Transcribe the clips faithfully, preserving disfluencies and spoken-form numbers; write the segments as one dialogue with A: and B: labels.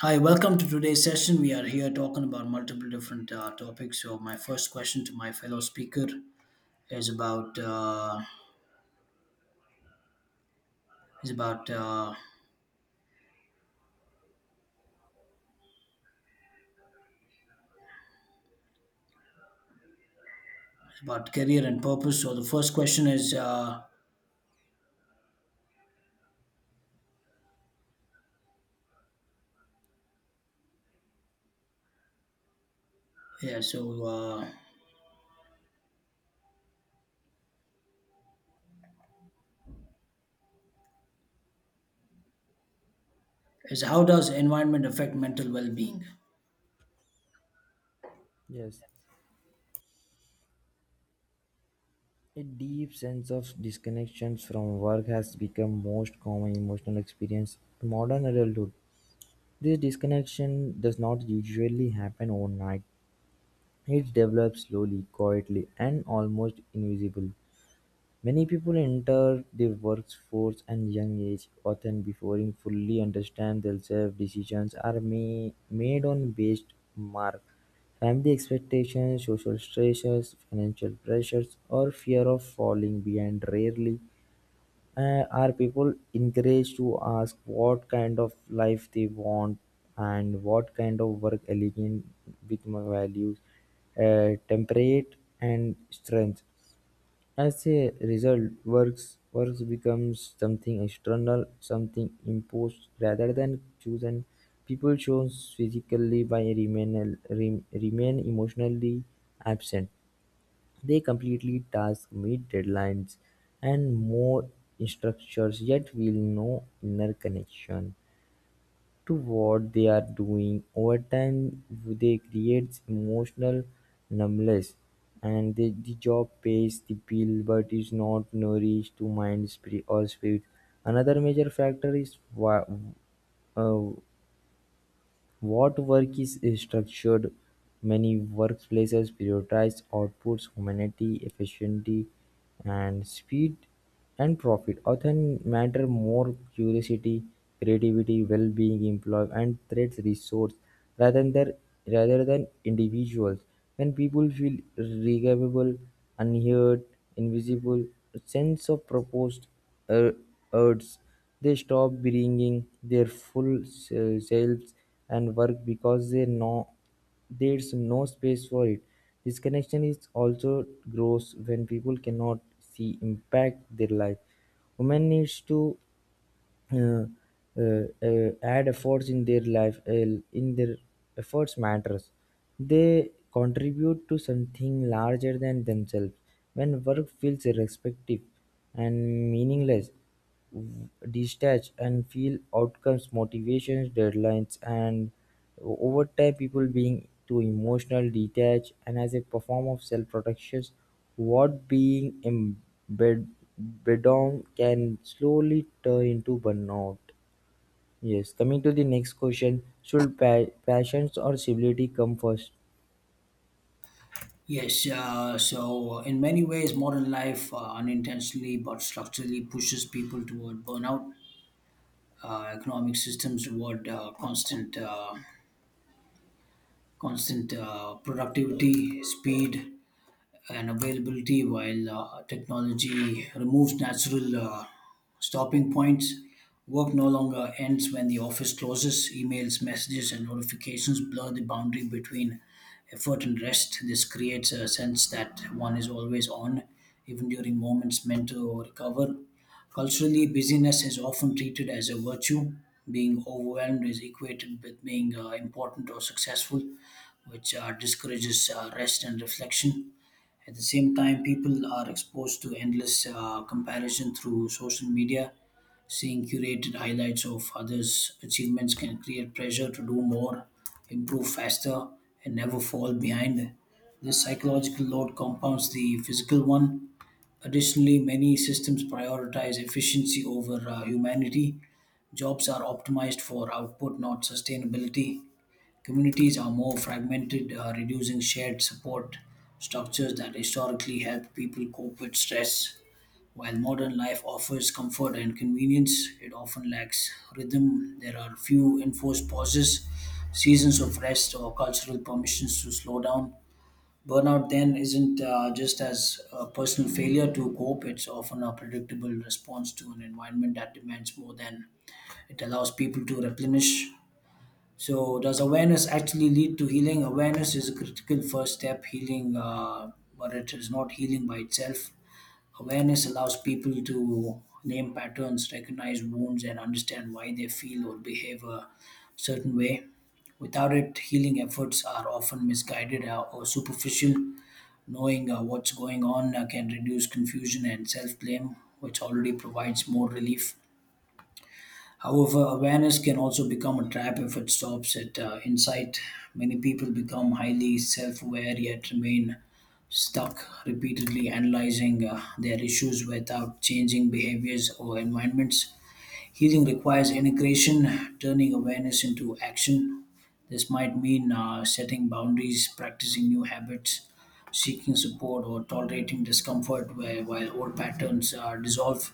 A: Hi, welcome to today's session. We are here talking about multiple different uh, topics. So my first question to my fellow speaker is about uh, is about uh, about career and purpose. So the first question is uh, yeah. So uh, is how does environment affect mental well-being?
B: Yes, a deep sense of disconnection from work has become most common emotional experience in modern adulthood. This disconnection does not usually happen overnight. It develops slowly, quietly, and almost invisible. Many people enter the workforce at young age, often before they fully understand themselves. Decisions are ma- made on based mark, family expectations, social stresses, financial pressures, or fear of falling behind. Rarely uh, are people encouraged to ask what kind of life they want and what kind of work aligns with my values, uh, temperate, and strength. As a result, works works becomes something external, something imposed rather than chosen. People show physically by remain re- remain emotionally absent. They completely task, meet deadlines, and more structures, yet feel no inner connection to what they are doing. Over time, they creates emotional numbness, and the, the job pays the bill but is not nourished to mind, spirit, or spirit. Another major factor is wa- uh, what work is structured, many workplaces prioritize outputs, humanity, efficiency, and speed and profit often matter more curiosity, creativity, well-being, employment, and threats resource rather than rather than individuals. When people feel regrettable, unheard, invisible, a sense of purpose uh, urges, they stop bringing their full se- selves and work because they know there's no space for it. Disconnection is also grows when people cannot see impact their life. Women needs to uh, uh, uh, add efforts in their life uh, in their efforts matters they contribute to something larger than themselves when work feels irrespective and meaningless w- detach and feel outcomes motivations deadlines and O- Over time people being too emotional, detached, and as a form of self-protection what being embedome can slowly turn into burnout. Yes, coming to the next question, should pa- passions or civility come first?
A: Yes. Uh, so in many ways, modern life uh, unintentionally but structurally pushes people toward burnout. Uh, economic systems toward uh, constant uh, constant uh, productivity, speed and availability, while uh, technology removes natural uh, stopping points. Work no longer ends when the office closes. Emails, messages, and notifications blur the boundary between effort and rest. This creates a sense that one is always on, even during moments meant to recover. Culturally, busyness is often treated as a virtue. Being overwhelmed is equated with being uh, important or successful, which uh, discourages uh, rest and reflection at the same time, people are exposed to endless uh, comparison through social media. Seeing curated highlights of others' achievements can create pressure to do more, improve faster, and never fall behind. This psychological load compounds the physical one. Additionally, many systems prioritize efficiency over uh, humanity. Jobs are optimized for output, not sustainability. Communities are more fragmented, uh, reducing shared support structures that historically helped people cope with stress. While modern life offers comfort and convenience, it often lacks rhythm. There are few enforced pauses, seasons of rest, or cultural permissions to slow down. Burnout then isn't uh, just as a personal failure to cope, it's often a predictable response to an environment that demands more than it allows people to replenish. So, does awareness actually lead to healing? Awareness is a critical first step, healing, uh, but it is not healing by itself. Awareness allows people to name patterns, recognize wounds, and understand why they feel or behave a certain way. Without it, healing efforts are often misguided uh, or superficial. Knowing uh, what's going on uh, can reduce confusion and self blame, which already provides more relief. However, awareness can also become a trap if it stops at uh, insight. Many people become highly self aware yet remain stuck, repeatedly analyzing uh, their issues without changing behaviors or environments. Healing requires integration, turning awareness into action. This might mean uh, setting boundaries, practicing new habits, seeking support, or tolerating discomfort where, while old patterns are dissolved.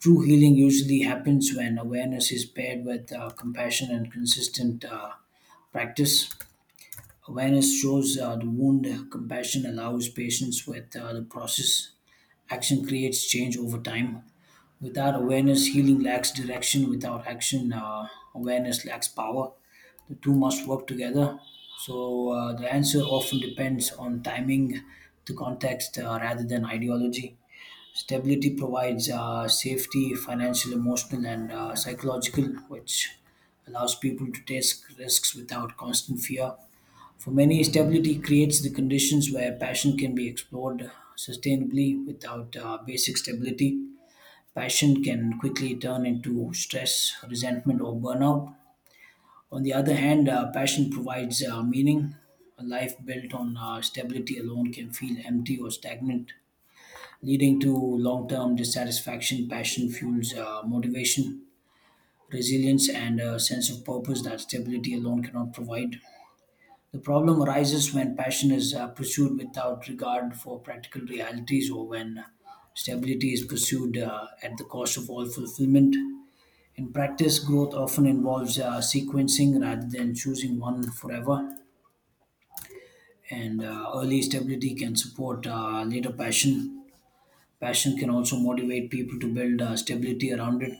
A: True healing usually happens when awareness is paired with uh, compassion and consistent uh, practice. Awareness shows uh, the wound, uh, compassion allows patience with uh, the process, action creates change over time. Without awareness, healing lacks direction. Without action, uh, awareness lacks power. The two must work together. So, uh, the answer often depends on timing, the context, uh, rather than ideology. Stability provides uh, safety, financial, emotional, and uh, psychological, which allows people to take risks without constant fear. For many, stability creates the conditions where passion can be explored sustainably. Without uh, basic stability, passion can quickly turn into stress, resentment, or burnout. On the other hand, uh, passion provides uh, meaning. A life built on uh, stability alone can feel empty or stagnant, leading to long term dissatisfaction. Passion fuels uh, motivation, resilience, and a sense of purpose that stability alone cannot provide. The problem arises when passion is uh, pursued without regard for practical realities or when uh, stability is pursued uh, at the cost of all fulfillment. In practice, growth often involves uh, sequencing rather than choosing one forever, and uh, early stability can support uh, later passion. Passion can also motivate people to build uh, stability around it.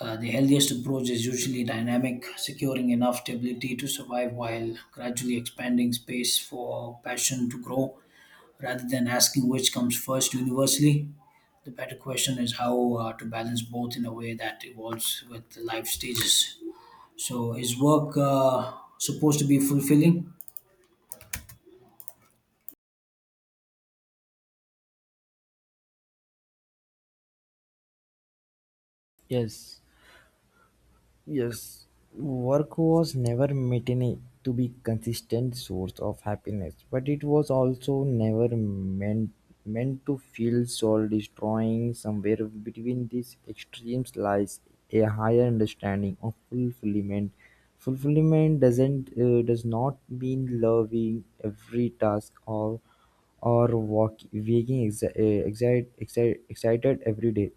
A: Uh, the healthiest approach is usually dynamic, securing enough stability to survive while gradually expanding space for passion to grow. Rather than asking which comes first universally, the better question is how uh, to balance both in a way that evolves with the life stages. So, is work uh, supposed to be fulfilling?
B: Yes. Yes, work was never meant to be consistent source of happiness, but it was also never meant meant to feel soul destroying. Somewhere between these extremes lies a higher understanding of fulfillment. Fulfillment doesn't uh, does not mean loving every task or or walk, waking exci- uh, excite, excite, excited every day.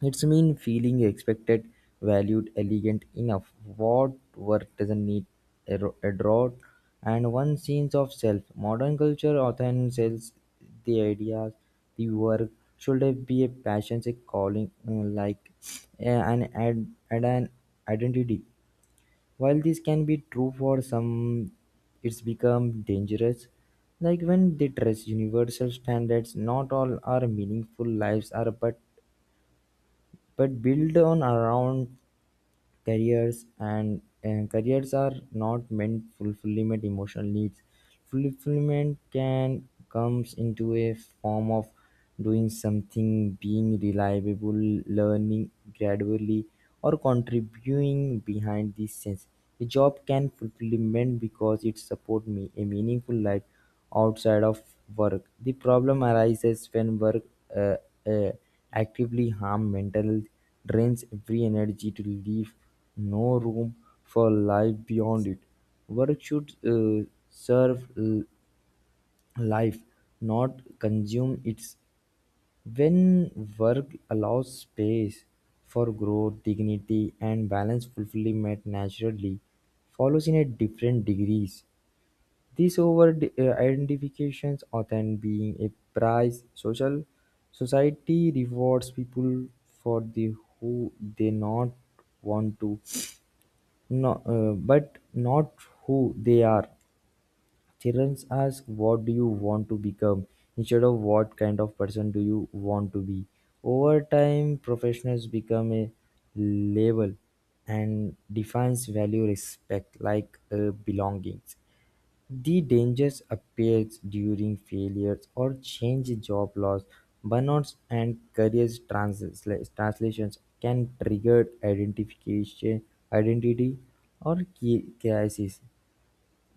B: It's mean feeling expected, valued, elegant enough. What work doesn't need a ro- a rod and one sense of self. Modern culture often sells the ideas the work should be a passion, a calling, uh, like uh, an ad, ad, an identity. While this can be true for some, it's become dangerous. Like when they dress universal standards, not all our meaningful lives are, but but build on around careers and uh, careers are not meant fulfillment emotional needs. Fulfillment can comes into a form of doing something, being reliable, learning gradually, or contributing behind the scenes. A job can fulfillment because it support me a meaningful life outside of work. The problem arises when work uh, uh, actively harms mental, health, drains every energy to leave no room for life beyond it. Work should uh, serve l- life, not consume it. When work allows space for growth, dignity, and balance fulfillment naturally follows in a different degrees. These over uh, identifications often being a prize, social society rewards people for the who they not want to, no, uh, but not who they are. Children ask, "What do you want to become?" instead of "What kind of person do you want to be?" Over time, professionals become a label and defines value respect like uh, belongings the dangers appear during failures or change job loss, burnouts and career transla- translations can trigger identification, identity or ki- crisis.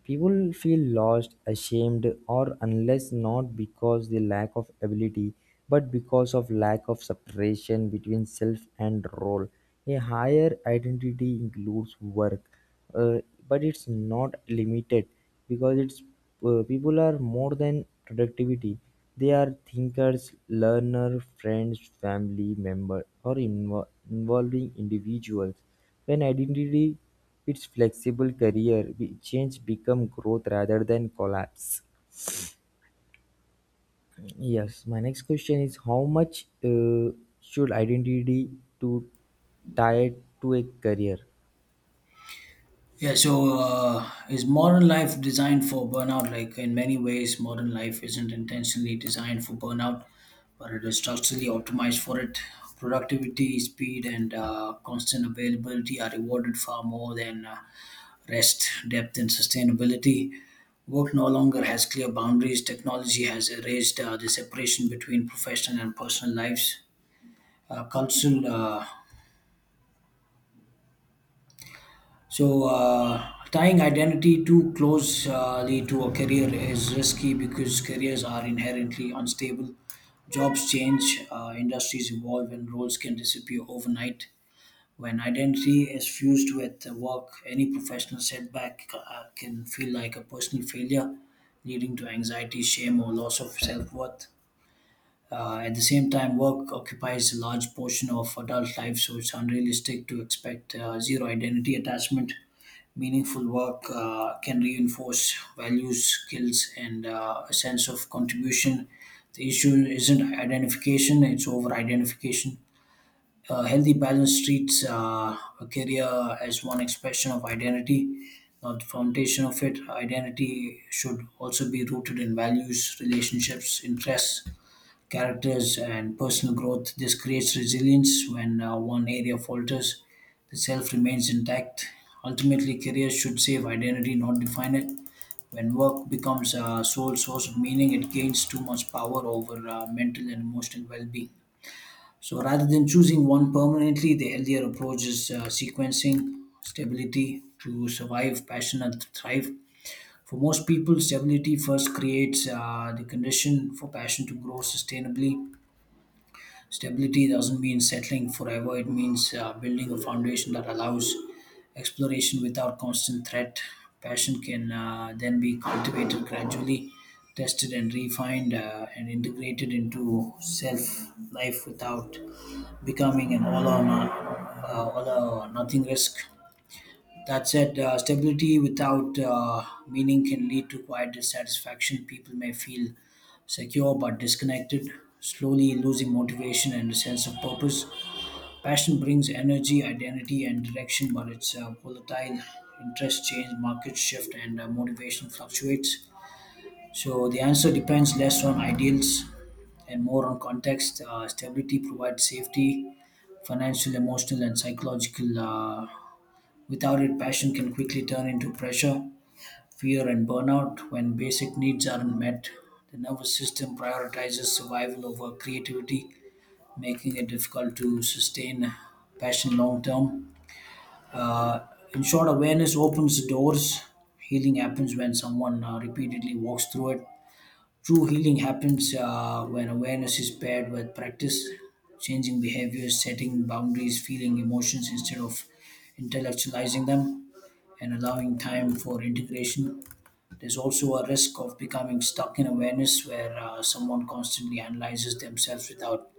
B: People feel lost, ashamed, or unless not because the lack of ability, but because of lack of separation between self and role. A higher identity includes work, uh, but it's not limited because it's uh, people are more than productivity. They are thinkers, learner, friends, family member, or invo- involving individuals. When identity its flexible career change become growth rather than collapse. Yes, my next question is how much uh, should identity to tie to a career?
A: Yeah, so uh, is modern life designed for burnout? Like in many ways, modern life isn't intentionally designed for burnout, but it is structurally optimized for it. Productivity, speed, and uh, constant availability are rewarded far more than uh, rest, depth, and sustainability. Work no longer has clear boundaries. Technology has erased uh, the separation between professional and personal lives. Uh, cultural uh, So, uh, Tying identity too closely to a career is risky because careers are inherently unstable. Jobs change, uh, industries evolve, and roles can disappear overnight. When identity is fused with work, any professional setback uh, can feel like a personal failure, leading to anxiety, shame, or loss of self worth. Uh, at the same time, work occupies a large portion of adult life, so it's unrealistic to expect uh, zero identity attachment Meaningful work uh, can reinforce values, skills, and uh, a sense of contribution. The issue isn't identification, it's over identification. A healthy balance treats uh, a career as one expression of identity, not the foundation of it. Identity should also be rooted in values, relationships, interests, characters and personal growth. This creates resilience when uh, one area falters, the self remains intact. Ultimately, careers should save identity, not define it. When work becomes a sole source of meaning, it gains too much power over uh, mental and emotional well being. So, rather than choosing one permanently, the healthier approach is uh, sequencing stability to survive, passion, and thrive. For most people, stability first creates uh, the condition for passion to grow sustainably Stability doesn't mean settling forever, it means uh, building a foundation that allows exploration without constant threat. Passion can uh, then be cultivated gradually, tested and refined, uh, and integrated into self life without becoming an all or, not, uh, all or nothing risk. That said, uh, stability without uh, meaning can lead to quiet dissatisfaction. People may feel secure but disconnected, slowly losing motivation and a sense of purpose. Passion brings energy, identity, and direction, but it's uh, volatile. Interests change, markets shift, and uh, motivation fluctuates. So the answer depends less on ideals and more on context. Uh, stability provides safety, financial, emotional, and psychological. Uh, without it, passion can quickly turn into pressure, fear, and burnout. When basic needs aren't met, the nervous system prioritizes survival over creativity, making it difficult to sustain passion long term. Uh, in short, awareness opens the doors. Healing happens when someone uh, repeatedly walks through it. True healing happens uh, when awareness is paired with practice, changing behaviors, setting boundaries, feeling emotions instead of intellectualizing them, and allowing time for integration. There's also a risk of becoming stuck in awareness where uh, someone constantly analyzes themselves without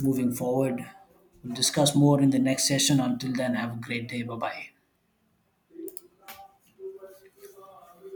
A: moving forward. We'll discuss more in the next session. Until then, have a great day. Bye bye.